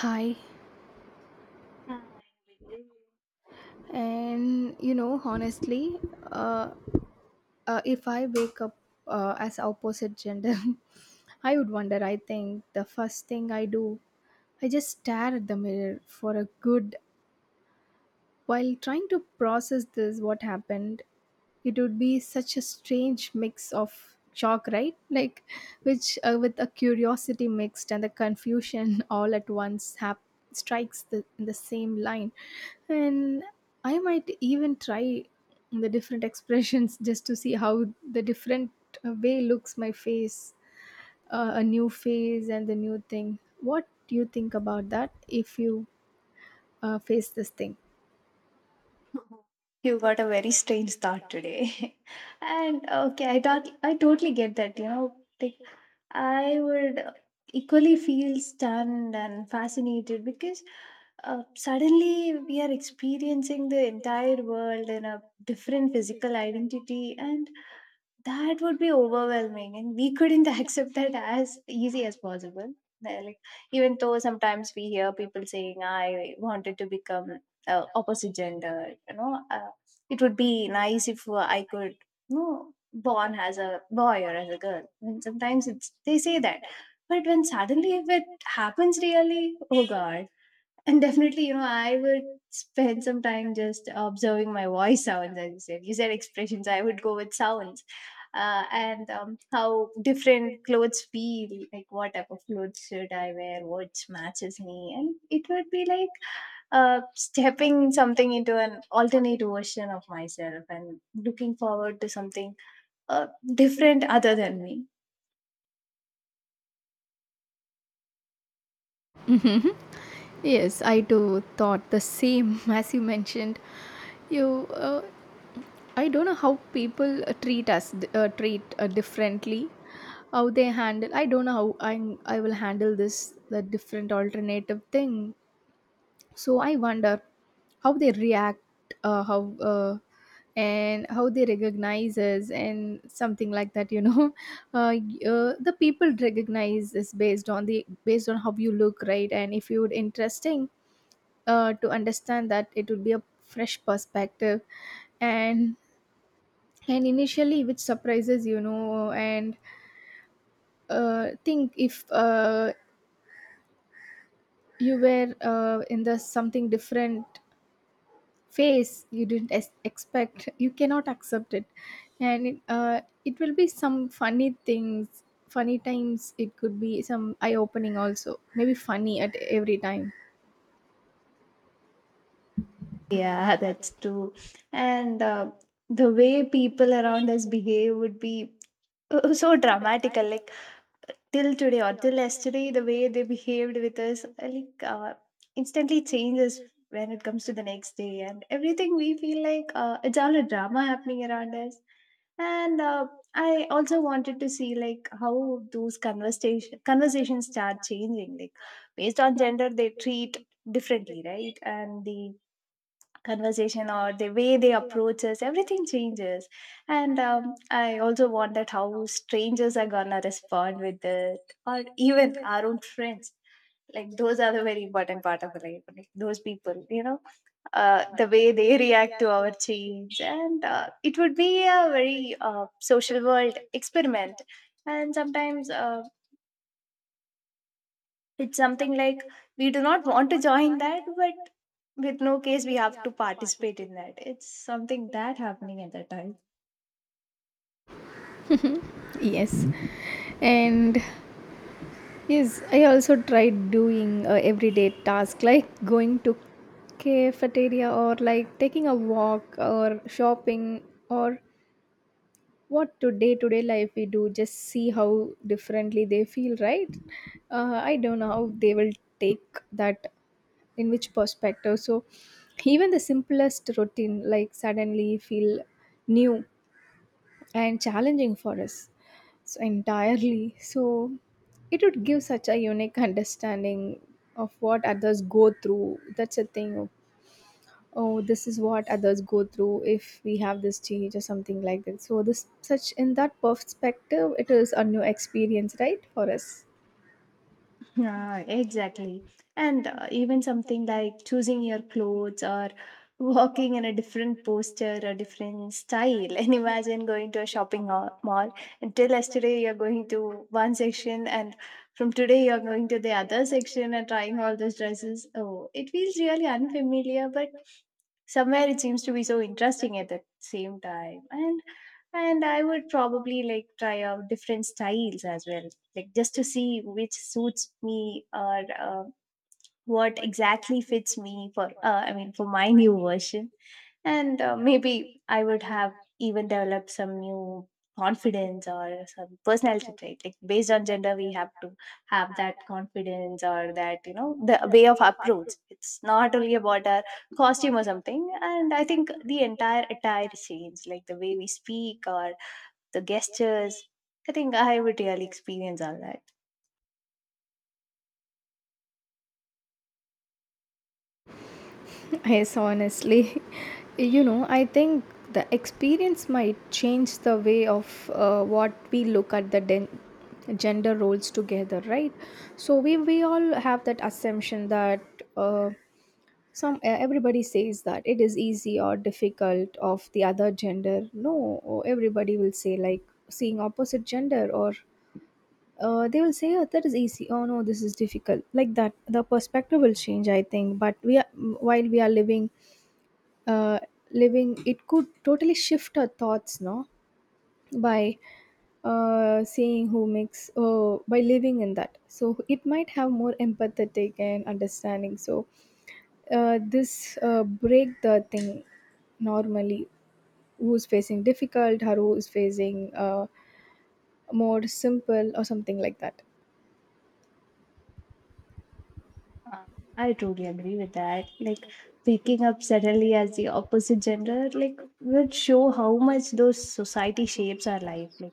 Hi, Hi, Vijay. and you know, honestly, uh, if I wake up as opposite gender, I would wonder. I think the first thing I do, I just stare at the mirror for a good while trying to process this what happened. It would be such a strange mix of shock, right? Like, which with a curiosity mixed and the confusion all at once strikes the, in the same line. And I might even try the different expressions just to see how the different way looks my face, a new face and the new thing. What do you think about that if you face this thing? You got a very strange start today. And okay, I thought I totally get that, you know. Like, I would equally feel stunned and fascinated because suddenly we are experiencing the entire world in a different physical identity, and that would be overwhelming, and we couldn't accept that as easy as possible. They're Like, Even though sometimes we hear people saying, "I wanted to become opposite gender," you know, uh, it would be nice if I could, you know, born as a boy or as a girl. And sometimes it's they say that, but when suddenly if it happens really, oh god, and definitely, I would spend some time just observing my voice sounds, as you said. You said expressions, I would go with sounds. And How different clothes feel, like what type of clothes should I wear, what matches me. And it would be like stepping something into an alternate version of myself and looking forward to something uh, different other than me. Yes, I too thought the same as you mentioned. You, uh, I don't know how people treat us, treat differently. How they handle, I don't know how I will handle this the different alternative thing. So I wonder how they react, how and how they recognize us and something like that. You know, the people recognize this based on how you look, right? And if you're interesting to understand that, it would be a fresh perspective. and and initially, which surprises, you know. And think if you were in the something different phase, you didn't expect, you cannot accept it. And it, it will be some funny things, funny times. It could be some eye opening also, maybe funny at every time. Yeah, that's true. And The way people around us behave would be so dramatical. Like till today or till yesterday, the way they behaved with us, instantly changes when it comes to the next day, and everything we feel like it's all a drama happening around us. And I also wanted to see like how those conversations start changing, like based on gender they treat differently, right? And the conversation or the way they, yeah, approach us, everything changes and I also wondered how strangers are gonna respond with it, or even our own friends. Like, those are the very important part of life, like those people, you know, the way they react to our change. And It would be a very social world experiment. And sometimes it's something like we do not want to join that, but with no case, we have to participate in that. It's something that happening at that time. Yes, and yes, I also tried doing everyday tasks like going to cafeteria or like taking a walk or shopping or what to day life we do. Just see how differently they feel, right? I don't know how they will take that in which perspective. So even the simplest routine like suddenly feel new and challenging for us. So entirely. So it would give such a unique understanding of what others go through. That's a thing. Oh, this is what others go through if we have this change or something like that. So this such in that perspective, it is a new experience, right, for us. Yeah, exactly. And Even something like choosing your clothes or walking in a different posture or different style. And imagine going to a mall. Until yesterday, you're going to one section, and from today, you're going to the other section and trying all those dresses. Oh, it feels really unfamiliar, but somewhere it seems to be so interesting at the same time. And I would probably like try out different styles as well, like just to see which suits me, or uh, what exactly fits me for, I mean, for my new version. And maybe I would have even developed some new confidence or some personality trait. Like, based on gender, we have to have that confidence, or that, you know, the way of approach. It's not only about our costume or something. And I think the entire attire change, like the way we speak or the gestures, I think I would really experience all that. Yes, honestly, you know, I think the experience might change the way of what we look at the gender roles together, right? So we all have that assumption that some everybody says that it is easy or difficult of the other gender. No, everybody will say like seeing opposite gender or they will say, oh, that is easy, oh no, this is difficult, like that. The perspective will change, I think. But we are, while we are living, uh, living, it could totally shift our thoughts, no, by seeing who makes, by living in that. So it might have more empathetic and understanding. So this break the thing, normally who's facing difficult or who's facing more simple or something like that. Uh, I totally agree with that. Like, waking up suddenly as the opposite gender, like, would show how much those society shapes our life. Like,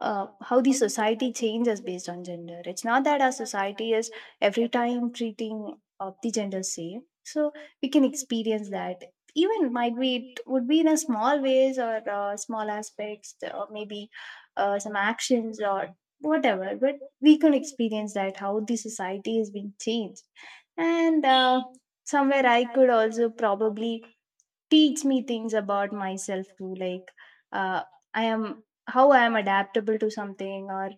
how the society changes based on gender. It's not that our society is every time treating of the gender same. So we can experience that. Even might be it would be in a small ways, or small aspects, or maybe some actions or whatever. But we can experience that how the society has been changed. And Somewhere I could also probably teach me things about myself too. Like, uh, I am, how I am adaptable to something, or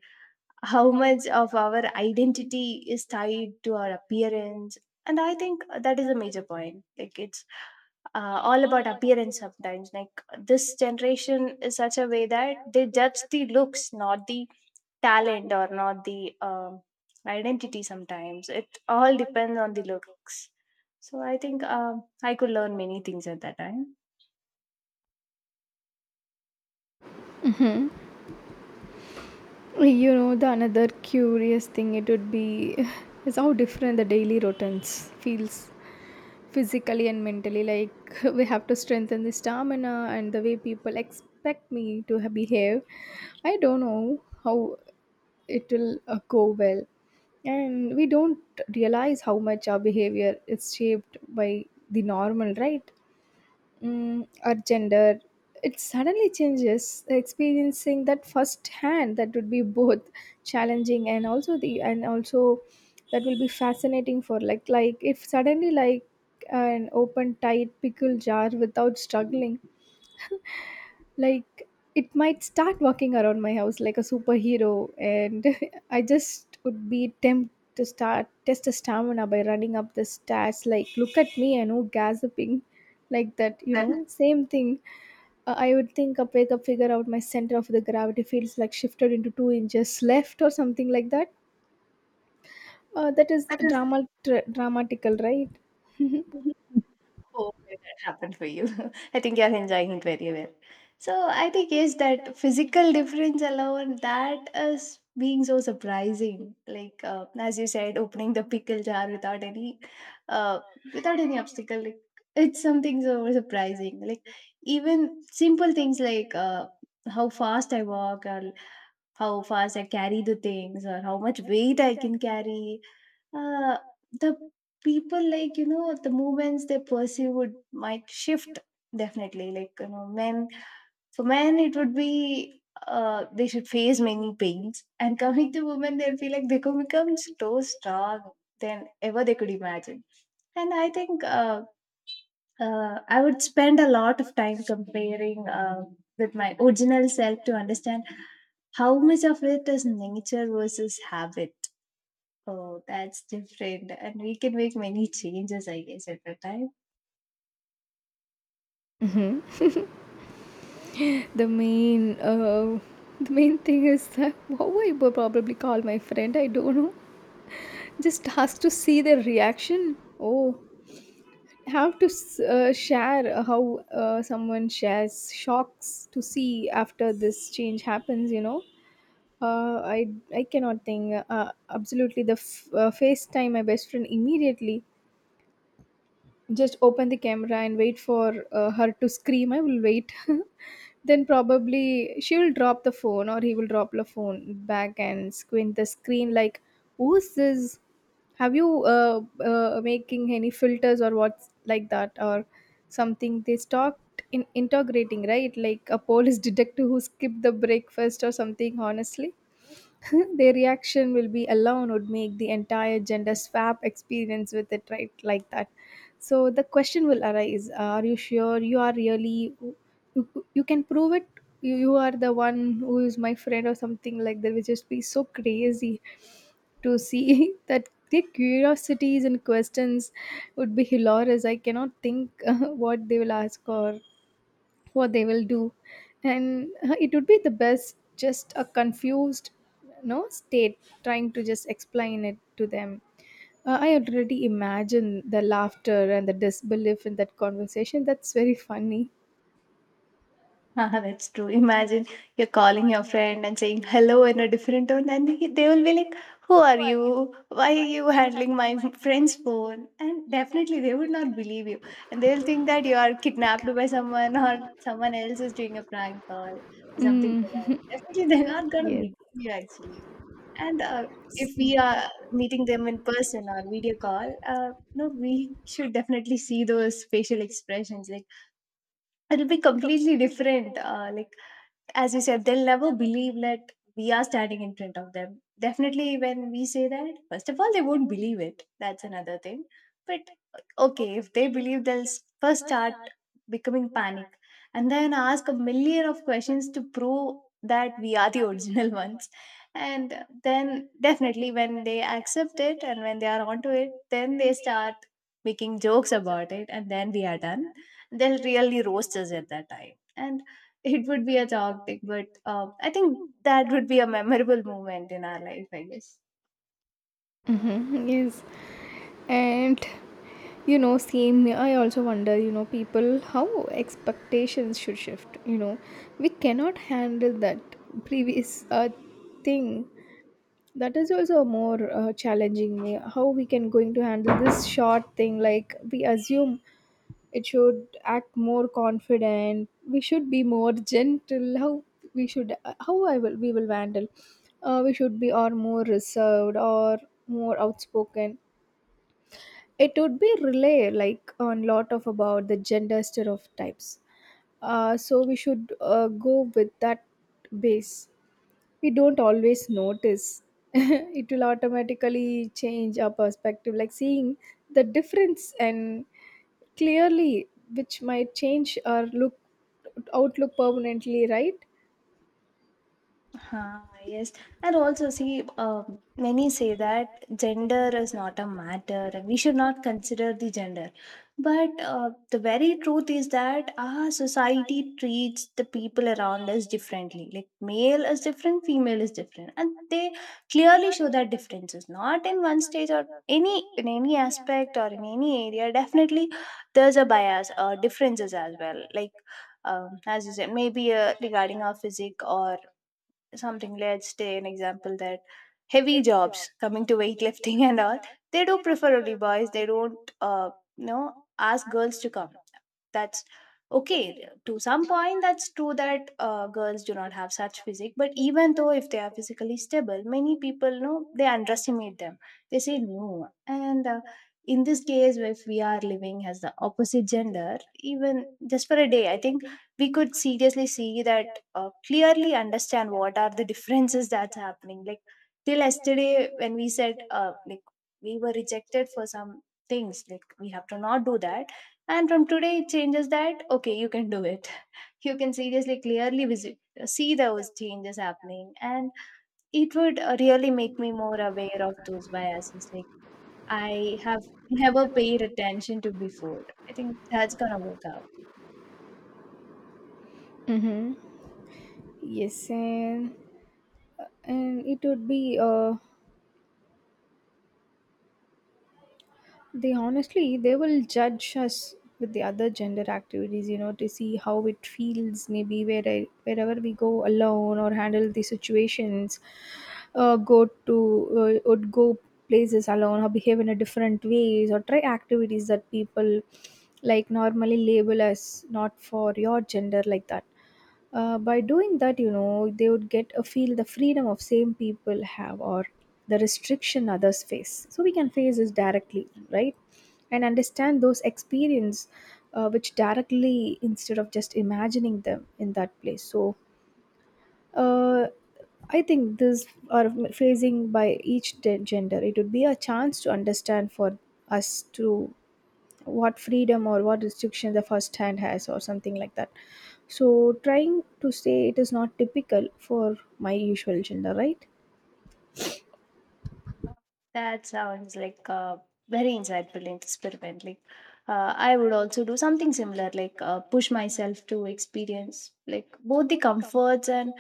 how much of our identity is tied to our appearance. And I think that is a major point. Like, it's all about appearance sometimes. Like, this generation is such a way that they judge the looks, not the talent, or not the identity. Sometimes it all depends on the looks. So I think I could learn many things at that time. You know, the another curious thing it would be is how different the daily routines feels, physically and mentally, like we have to strengthen the stamina and the way people expect me to behave. I don't know how it will go well. And we don't realize how much our behavior is shaped by the normal, right? Mm, or gender. It suddenly changes experiencing that firsthand. That would be both challenging and also the and also that will be fascinating. For like if suddenly, like, an open tight pickle jar without struggling, like, it might start walking around my house like a superhero. And I just would be tempted to start test the stamina by running up the stairs like, look at me, I know, gasping, like that, you know. Same thing. Uh, I would think up, wake up, figure out my center of the gravity feels like shifted into 2 inches left or something like that. That is That is, dramatical, right? hopefully that happened for you. I think you're enjoying it very well. So I think yes, that physical difference alone that is being so surprising. Like, as you said, opening the pickle jar without any, uh, without any obstacle. Like, it's something so surprising. Like, even simple things like, how fast I walk, or how fast I carry the things, or how much weight I can carry. uh, the people, like, you know, the movements they pursue would might shift definitely. Like, you know, men, for men it would be they should face many pains, and coming to women, they'll feel like they could become so strong than ever they could imagine. And I think I would spend a lot of time comparing, with my original self, to understand how much of it is nature versus habit. Oh, that's different. And we can make many changes, I guess, at a time. The main uh, the main thing is that how I would probably call my friend. I don't know. Just has to see their reaction. Oh, have to share how someone shares shocks to see after this change happens. You know, uh, I cannot think. Absolutely, the FaceTime my best friend immediately, just open the camera and wait for her to scream. I will wait. Then probably she will drop the phone or he will drop the phone back and squint the screen, like, who's this? Have you making any filters or what's like that, or something they stopped in integrating, right? Like a police detective who skipped the breakfast or something, honestly. Their reaction will be alone would make the entire gender swap experience with it, right, like that. So the question will arise: are you sure you are really you, you can prove it? You are the one who is my friend or something like that. Which just be so crazy to see that their curiosities and questions would be hilarious. I cannot think what they will ask or what they will do. And it would be the best, just a confused no state, trying to just explain it to them. Uh, I already imagine the laughter and the disbelief in that conversation. That's very funny. Ah, that's true. Imagine you're calling your friend and saying hello in a different tone, and they will be like, who are you? Why are you handling my friend's phone? And definitely they would not believe you. And they'll think that you are kidnapped by someone, or someone else is doing a prank call or something like Mm, that. Definitely they're not going to yes. believe you, actually. And If we are meeting them in person or video call, no, we should definitely see those facial expressions. Like, it'll be completely different. Like, as you said, they'll never believe that we are standing in front of them. Definitely, when we say that, first of all, they won't believe it. That's another thing. But okay, if they believe, they'll first start becoming panic, and then ask a million of questions to prove that we are the original ones. And then, definitely, when they accept it and when they are onto it, then they start making jokes about it, and then we are done. They'll really roast us at that time, and it would be a dog day, but I think that would be a memorable moment in our life, I guess. Hmm, yes, and you know, same here, I also wonder, you know, people how expectations should shift, you know. We cannot handle that previous thing. That is also more challenging me, how we can going to handle this short thing. Like, we assume it should act more confident, we should be more gentle, how we should, how I will we will handle, we should be or more reserved or more outspoken. It would be relay, like, on lot of about the gender stereotypes. Uh, so we should go with that base. We don't always notice it will automatically change our perspective, like seeing the difference and clearly, which might change our look, outlook permanently, right? Ah, yes. And also, see, many say that gender is not a matter and we should not consider the gender. But the very truth is that our society treats the people around us differently. Like, male is different, female is different. And they clearly show that differences, not in one stage or any in any aspect or in any area. Definitely, there's a bias or differences as well. Like, as you said, maybe regarding our physique or something. Let's take an example that heavy jobs coming to weightlifting and all, they do prefer only boys. They don't, you know ask girls to come. That's okay to some point. That's true that girls do not have such physique, but even though if they are physically stable, many people know they underestimate them, they say no. And in this case, if we are living as the opposite gender, even just for a day, I think we could seriously see that, clearly understand what are the differences that's happening. Like, till yesterday, when we said, like, we were rejected for some things, like we have to not do that, and from today it changes that okay, you can do it. You can seriously clearly visit see those changes happening, and it would really make me more aware of those biases like I have never paid attention to before. I think that's gonna work out. Mm-hmm. Yes, and it would be they honestly, they will judge us with the other gender activities, you know, to see how it feels. Maybe where, wherever we go alone or handle the situations, go to would go places alone or behave in a different ways or try activities that people like normally label as not for your gender, like that. Uh, by doing that, you know, they would get a feel the freedom of same people have or the restriction others face. So we can face this directly, right? And understand those experience, which directly instead of just imagining them in that place. So, uh, I think this are phasing by each gender. It would be a chance to understand for us to what freedom or what restriction the first hand has or something like that. So trying to say it is not typical for my usual gender, right? That sounds like a very insightful experiment. Like, I would also do something similar, like push myself to experience like both the comforts and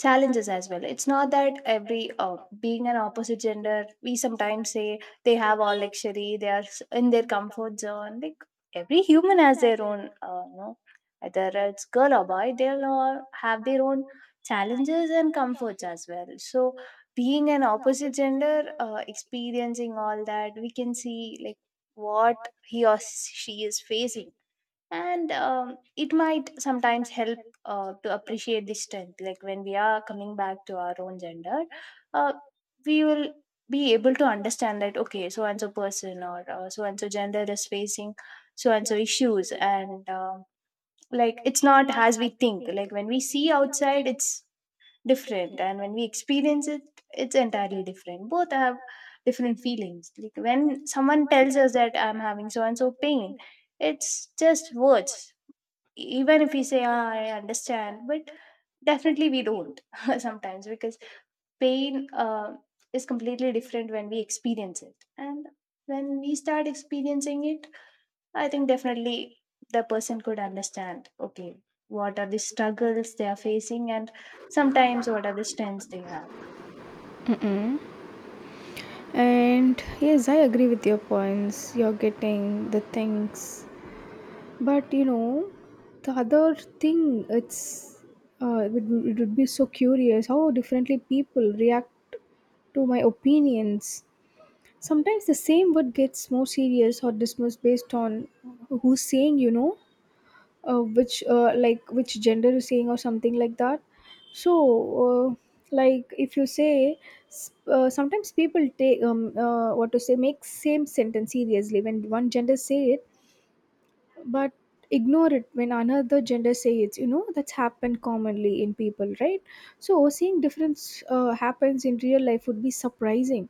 challenges as well. It's not that every being an opposite gender, we sometimes say they have all luxury, they are in their comfort zone. Like every human has their own you know Either it's girl or boy, they'll all have their own challenges and comforts as well. So being an opposite gender, experiencing all that, we can see like what he or she is facing. And it might sometimes help to appreciate the strength, like when we are coming back to our own gender, uh, we will be able to understand that okay, so and so person or so and so gender is facing so and so issues. And like it's not as we think. Like when we see outside, it's different, and when we experience it, it's entirely different. Both have different feelings. Like when someone tells us that I'm having so and so pain, it's just words. Even if we say "Ah, I understand," but definitely we don't sometimes, because pain is completely different when we experience it. And when we start experiencing it, I think definitely the person could understand, okay, what are the struggles they are facing and sometimes what are the strengths they have. And yes, I agree with your points, you're getting the things. But you know, the other thing it's it would be so curious how differently people react to my opinions. Sometimes the same word gets more serious or dismissed based on who's saying, you know, which like which gender is saying or something like that. So uh, like, if you say, sometimes people take what to say, make same sentence seriously when one gender say it, but ignore it when another gender say it, you know. That's happened commonly in people, right? So seeing difference happens in real life would be surprising,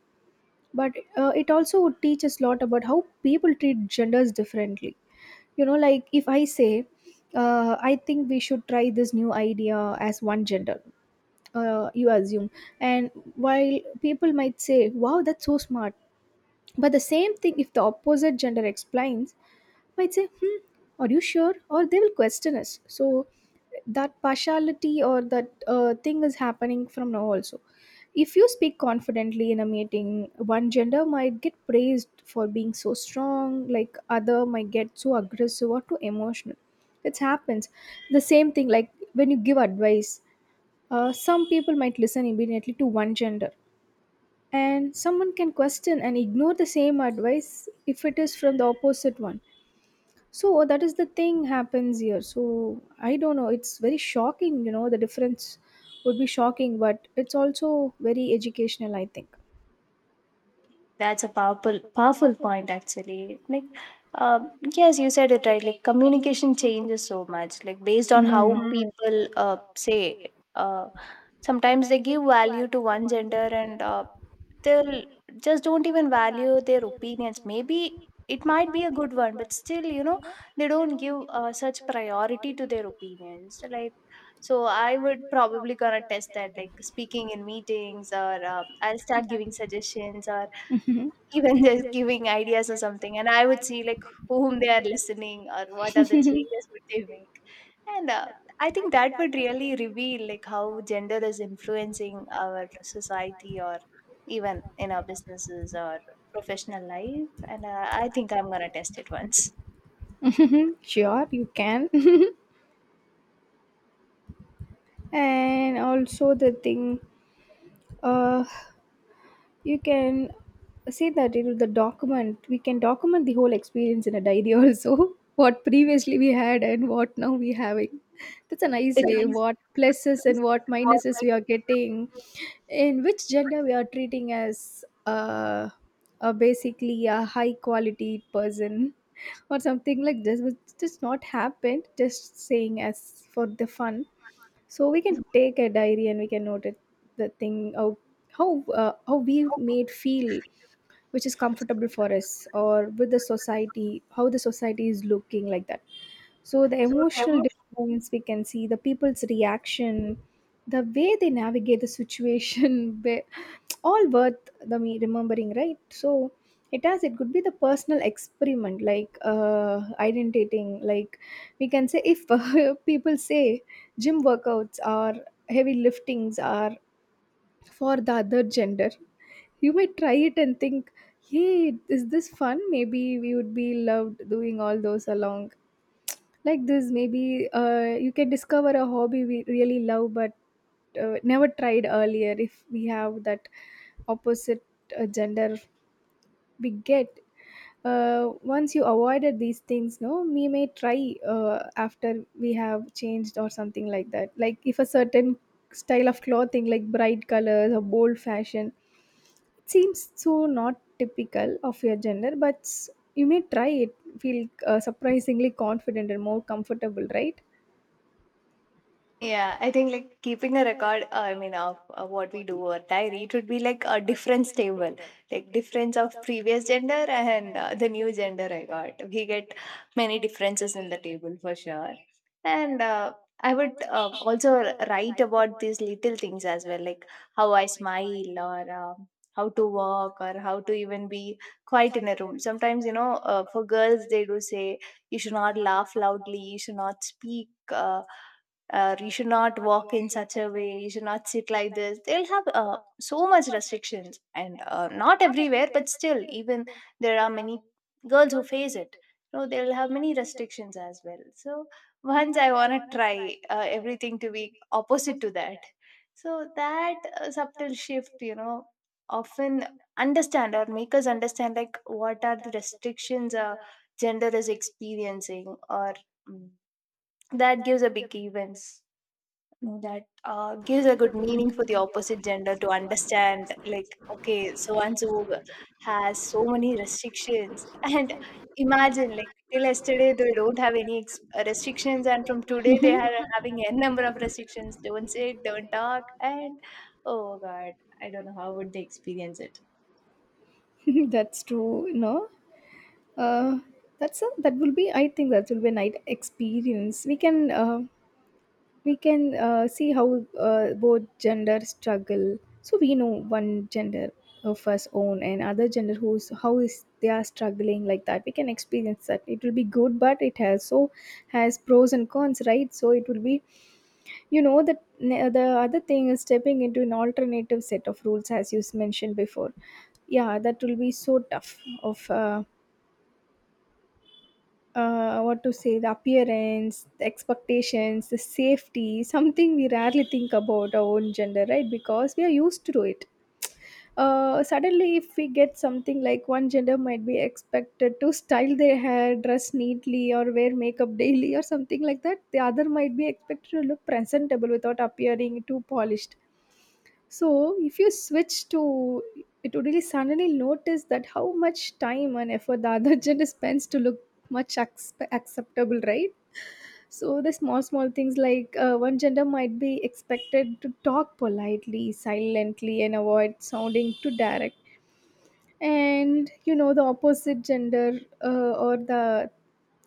but it also would teach us a lot about how people treat genders differently. You know, like, if I say, I think we should try this new idea as one gender, you assume, and while people might say, wow, that's so smart, but the same thing, if the opposite gender explains, might say, hmm, are you sure? Or they will question us. So that partiality or that thing is happening from now also. If you speak confidently in a meeting, one gender might get praised for being so strong, like other might get so aggressive or too emotional. It happens. The same thing, like when you give advice, some people might listen immediately to one gender, and someone can question and ignore the same advice if it is from the opposite one. So that is the thing happens here. So I don't know. It's very shocking, you know. The difference would be shocking, but it's also very educational, I think. That's a powerful, powerful point actually. Like, yes, you said it right. Like, communication changes so much. Like, based on how Mm. people say, sometimes they give value to one gender, and they'll just don't even value their opinions. Maybe it might be a good one, but still, they don't give such priority to their opinions. Like, so I would probably gonna test that, like speaking in meetings, or I'll start giving suggestions, or even just giving ideas or something. And I would see like whom they are listening or what are the changes would they make. And I think that would really reveal like how gender is influencing our society or even in our businesses or professional life. And I think I'm gonna test it once. Sure, you can. And also the thing, uh, you can say that in the document, we can document the whole experience in a diary also. What previously we had and what now we having. That's a nice way. What pluses It and what minuses we are getting in which gender we are treating as a basically a high quality person, or something like this which just not happened, just saying as for the fun. So we can take a diary and we can note it, the thing how how we made feel, which is comfortable for us, or with the society how the society is looking like that. So the emotional difference, we can see the people's reaction, the way they navigate the situation. where- all worth the me remembering, right? So it has, it could be the personal experiment like identifying like we can say if people say gym workouts or heavy liftings are for the other gender, you might try it and think, hey, is this fun? Maybe we would be loved doing all those along. Like this, maybe you can discover a hobby we really love, but never tried earlier, if we have that opposite gender bigot. Once you avoided these things, no, we may try after we have changed or something like that. Like if a certain style of clothing, like bright colors or bold fashion, it seems so not typical of your gender, but you may try it, feel surprisingly confident and more comfortable, right? Yeah, I think like keeping a record, I mean, of what we do or diary, it would be like a difference table, like difference of previous gender and the new gender I got. We get many differences in the table for sure. And I would also write about these little things as well, like how I smile or how to walk or how to even be quiet in a room. Sometimes, you know, for girls, they do say you should not laugh loudly, you should not speak. Or you should not walk in such a way, you should not sit like this. They'll have so much restrictions, and not everywhere, but still, even there are many girls who face it. So they'll have many restrictions as well. So once I want to try everything to be opposite to that. So that subtle shift, you know, often understand or make us understand like what are the restrictions a gender is experiencing, or mm, that gives a big events, know that gives a good meaning for the opposite gender to understand like okay, so and so has so many restrictions. And imagine like till yesterday they don't have any restrictions, and from today they are having n number of restrictions. Don't sit, don't talk, and oh god, I don't know how would they experience it. That's true, no. uh that's a, that will be, I think that will be a night experience. We can we can see how both genders struggle, so we know one gender of us own and other gender who's how is they are struggling like that. We can experience that, it will be good, but it has so, has pros and cons, right? So it will be, you know that, the other thing is stepping into an alternative set of rules as you mentioned before. Yeah, that will be so tough of what to say, the appearance, the expectations, the safety, something we rarely think about our own gender, right? Because we are used to it. Uh, suddenly if we get something, like one gender might be expected to style their hair, dress neatly, or wear makeup daily or something like that. The other might be expected to look presentable without appearing too polished. So if you switch to, it would really suddenly notice that how much time and effort the other gender spends to look acceptable, right? So the small, small things like one gender might be expected to talk politely, silently, and avoid sounding too direct. And you know, the opposite gender or the,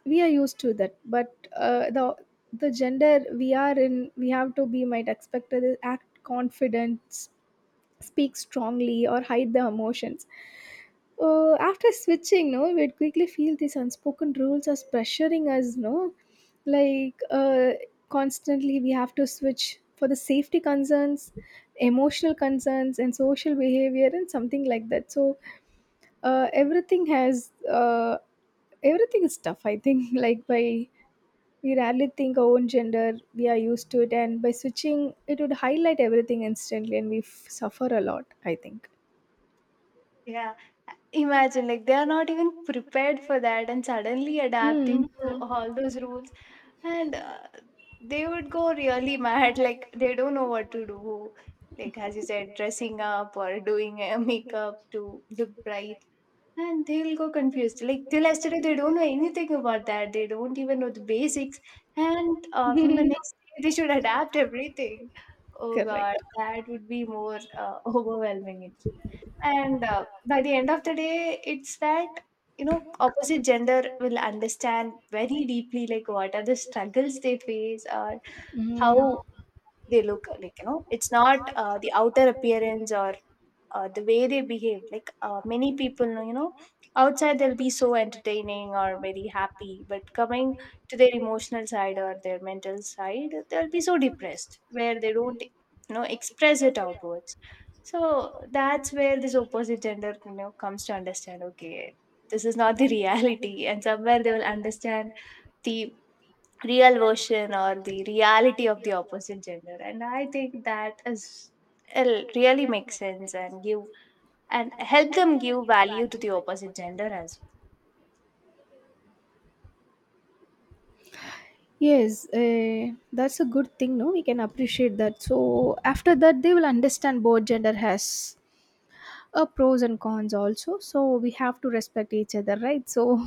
we are used to that, but uh, the gender we are in, we have to be, might expected to act confident, speak strongly, or hide their emotions. After switching, no, we'd quickly feel these unspoken rules as pressuring us, no, like constantly we have to switch for the safety concerns, emotional concerns, and social behavior, and something like that. So uh, everything has, everything is tough, I think. Like by, we rarely think our own gender, we are used to it, and by switching, it would highlight everything instantly, and we suffer a lot, I think. Yeah, imagine like they are not even prepared for that, and suddenly adapting Mm. to Mhm. all those rules. And they would go really mad, like they don't know what to do. Like as you said, dressing up or doing a makeup to look bright. And they'll go confused. Like till yesterday, they don't know anything about that. They don't even know the basics. And from the next day, they should adapt everything. Oh God, Correct. that would be more overwhelming. And by the end of the day, it's that, you know, opposite gender will understand very deeply, like, what are the struggles they face, or Mm. how they look like. You know, it's not the outer appearance, or the way they behave. Like many people, you know, outside they'll be so entertaining or very happy, but coming to their emotional side or their mental side, they'll be so depressed, where they don't, you know, express it outwards. So that's where this opposite gender, you know, comes to understand okay, this is not the reality. And somewhere they will understand the real version or the reality of the opposite gender. And I think that is, it really makes sense and give and help them give value to the opposite gender as Yes, that's a good thing. No, we can appreciate that. So after that, they will understand both gender has a pros and cons also. So we have to respect each other, right? So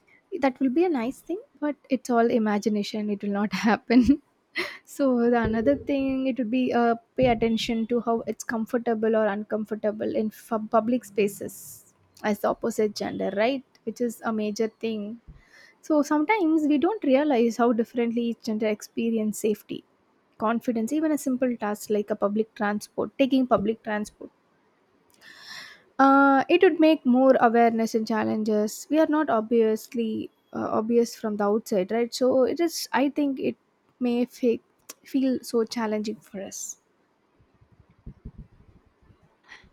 that will be a nice thing. But it's all imagination. It will not happen. So the another thing, it would be pay attention to how it's comfortable or uncomfortable in public spaces as the opposite gender, right? Which is a major thing. So sometimes we don't realize how differently each gender experience safety, confidence, even a simple task like a public transport, taking public transport. It would make more awareness and challenges. We are not obviously obvious from the outside, right? So it is, I think it may feel so challenging for us.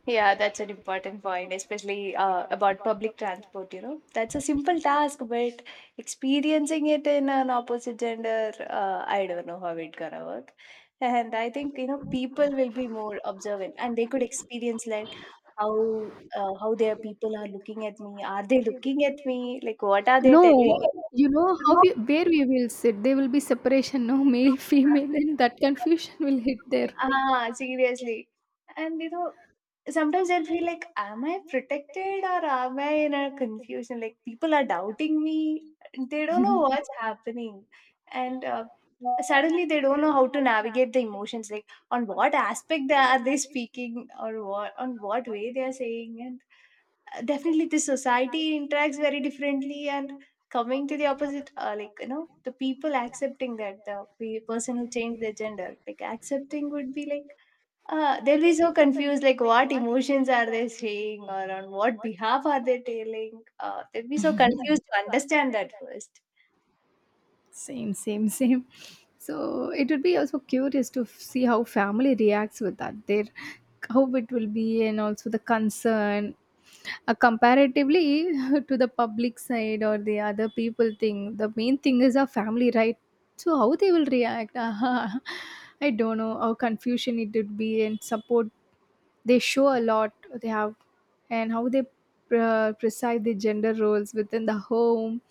Yeah, that's an important point, especially about public transport. You know, that's a simple task, but experiencing it in an opposite gender, I don't know how it's gonna work. And I think, you know, people will be more observant, and they could experience like how how their people are looking at me. Are they looking at me? Like, what are they telling? No, you know how we, where we will sit. There will be separation, no, male, female, and that confusion will hit there. Ah, seriously. And you know, sometimes I'll feel like, am I protected or am I in a confusion? Like people are doubting me. They don't know what's happening. And suddenly they don't know how to navigate the emotions. Like on what aspect they speaking, or what on what way they are saying. And definitely the society interacts very differently. And coming to the opposite like you know the people accepting that the person who changed their gender, like accepting would be like they'll be so confused, like what emotions are they saying or on what behalf are they telling? They'll be so confused to understand that first. Same, same, same. So it would be also curious to see how family reacts with that. Their how it will be, and also the concern comparatively to the public side or the other people thing. The main thing is our family, right? So how they will react? I don't know how confusion it would be, and support they show a lot, they have, and how they preside the gender roles within the home,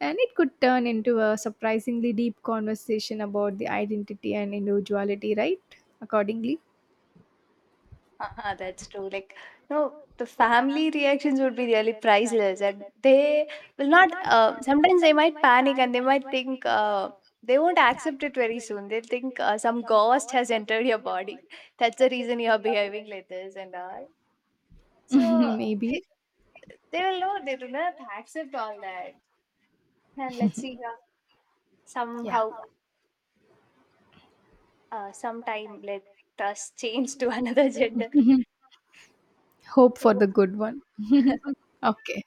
and it could turn into a surprisingly deep conversation about the identity and individuality, right? Accordingly, Uh-huh, that's true. Like, no, the family reactions would be really priceless, and they will not. Sometimes they might panic, and they might think they won't accept it very soon. They'll think some ghost has entered your body. That's the reason you are behaving like this and all. So they, maybe. they will know they do not accept all that. And let's see Yeah. somehow sometime let us change to another gender Hope for the good one. Okay.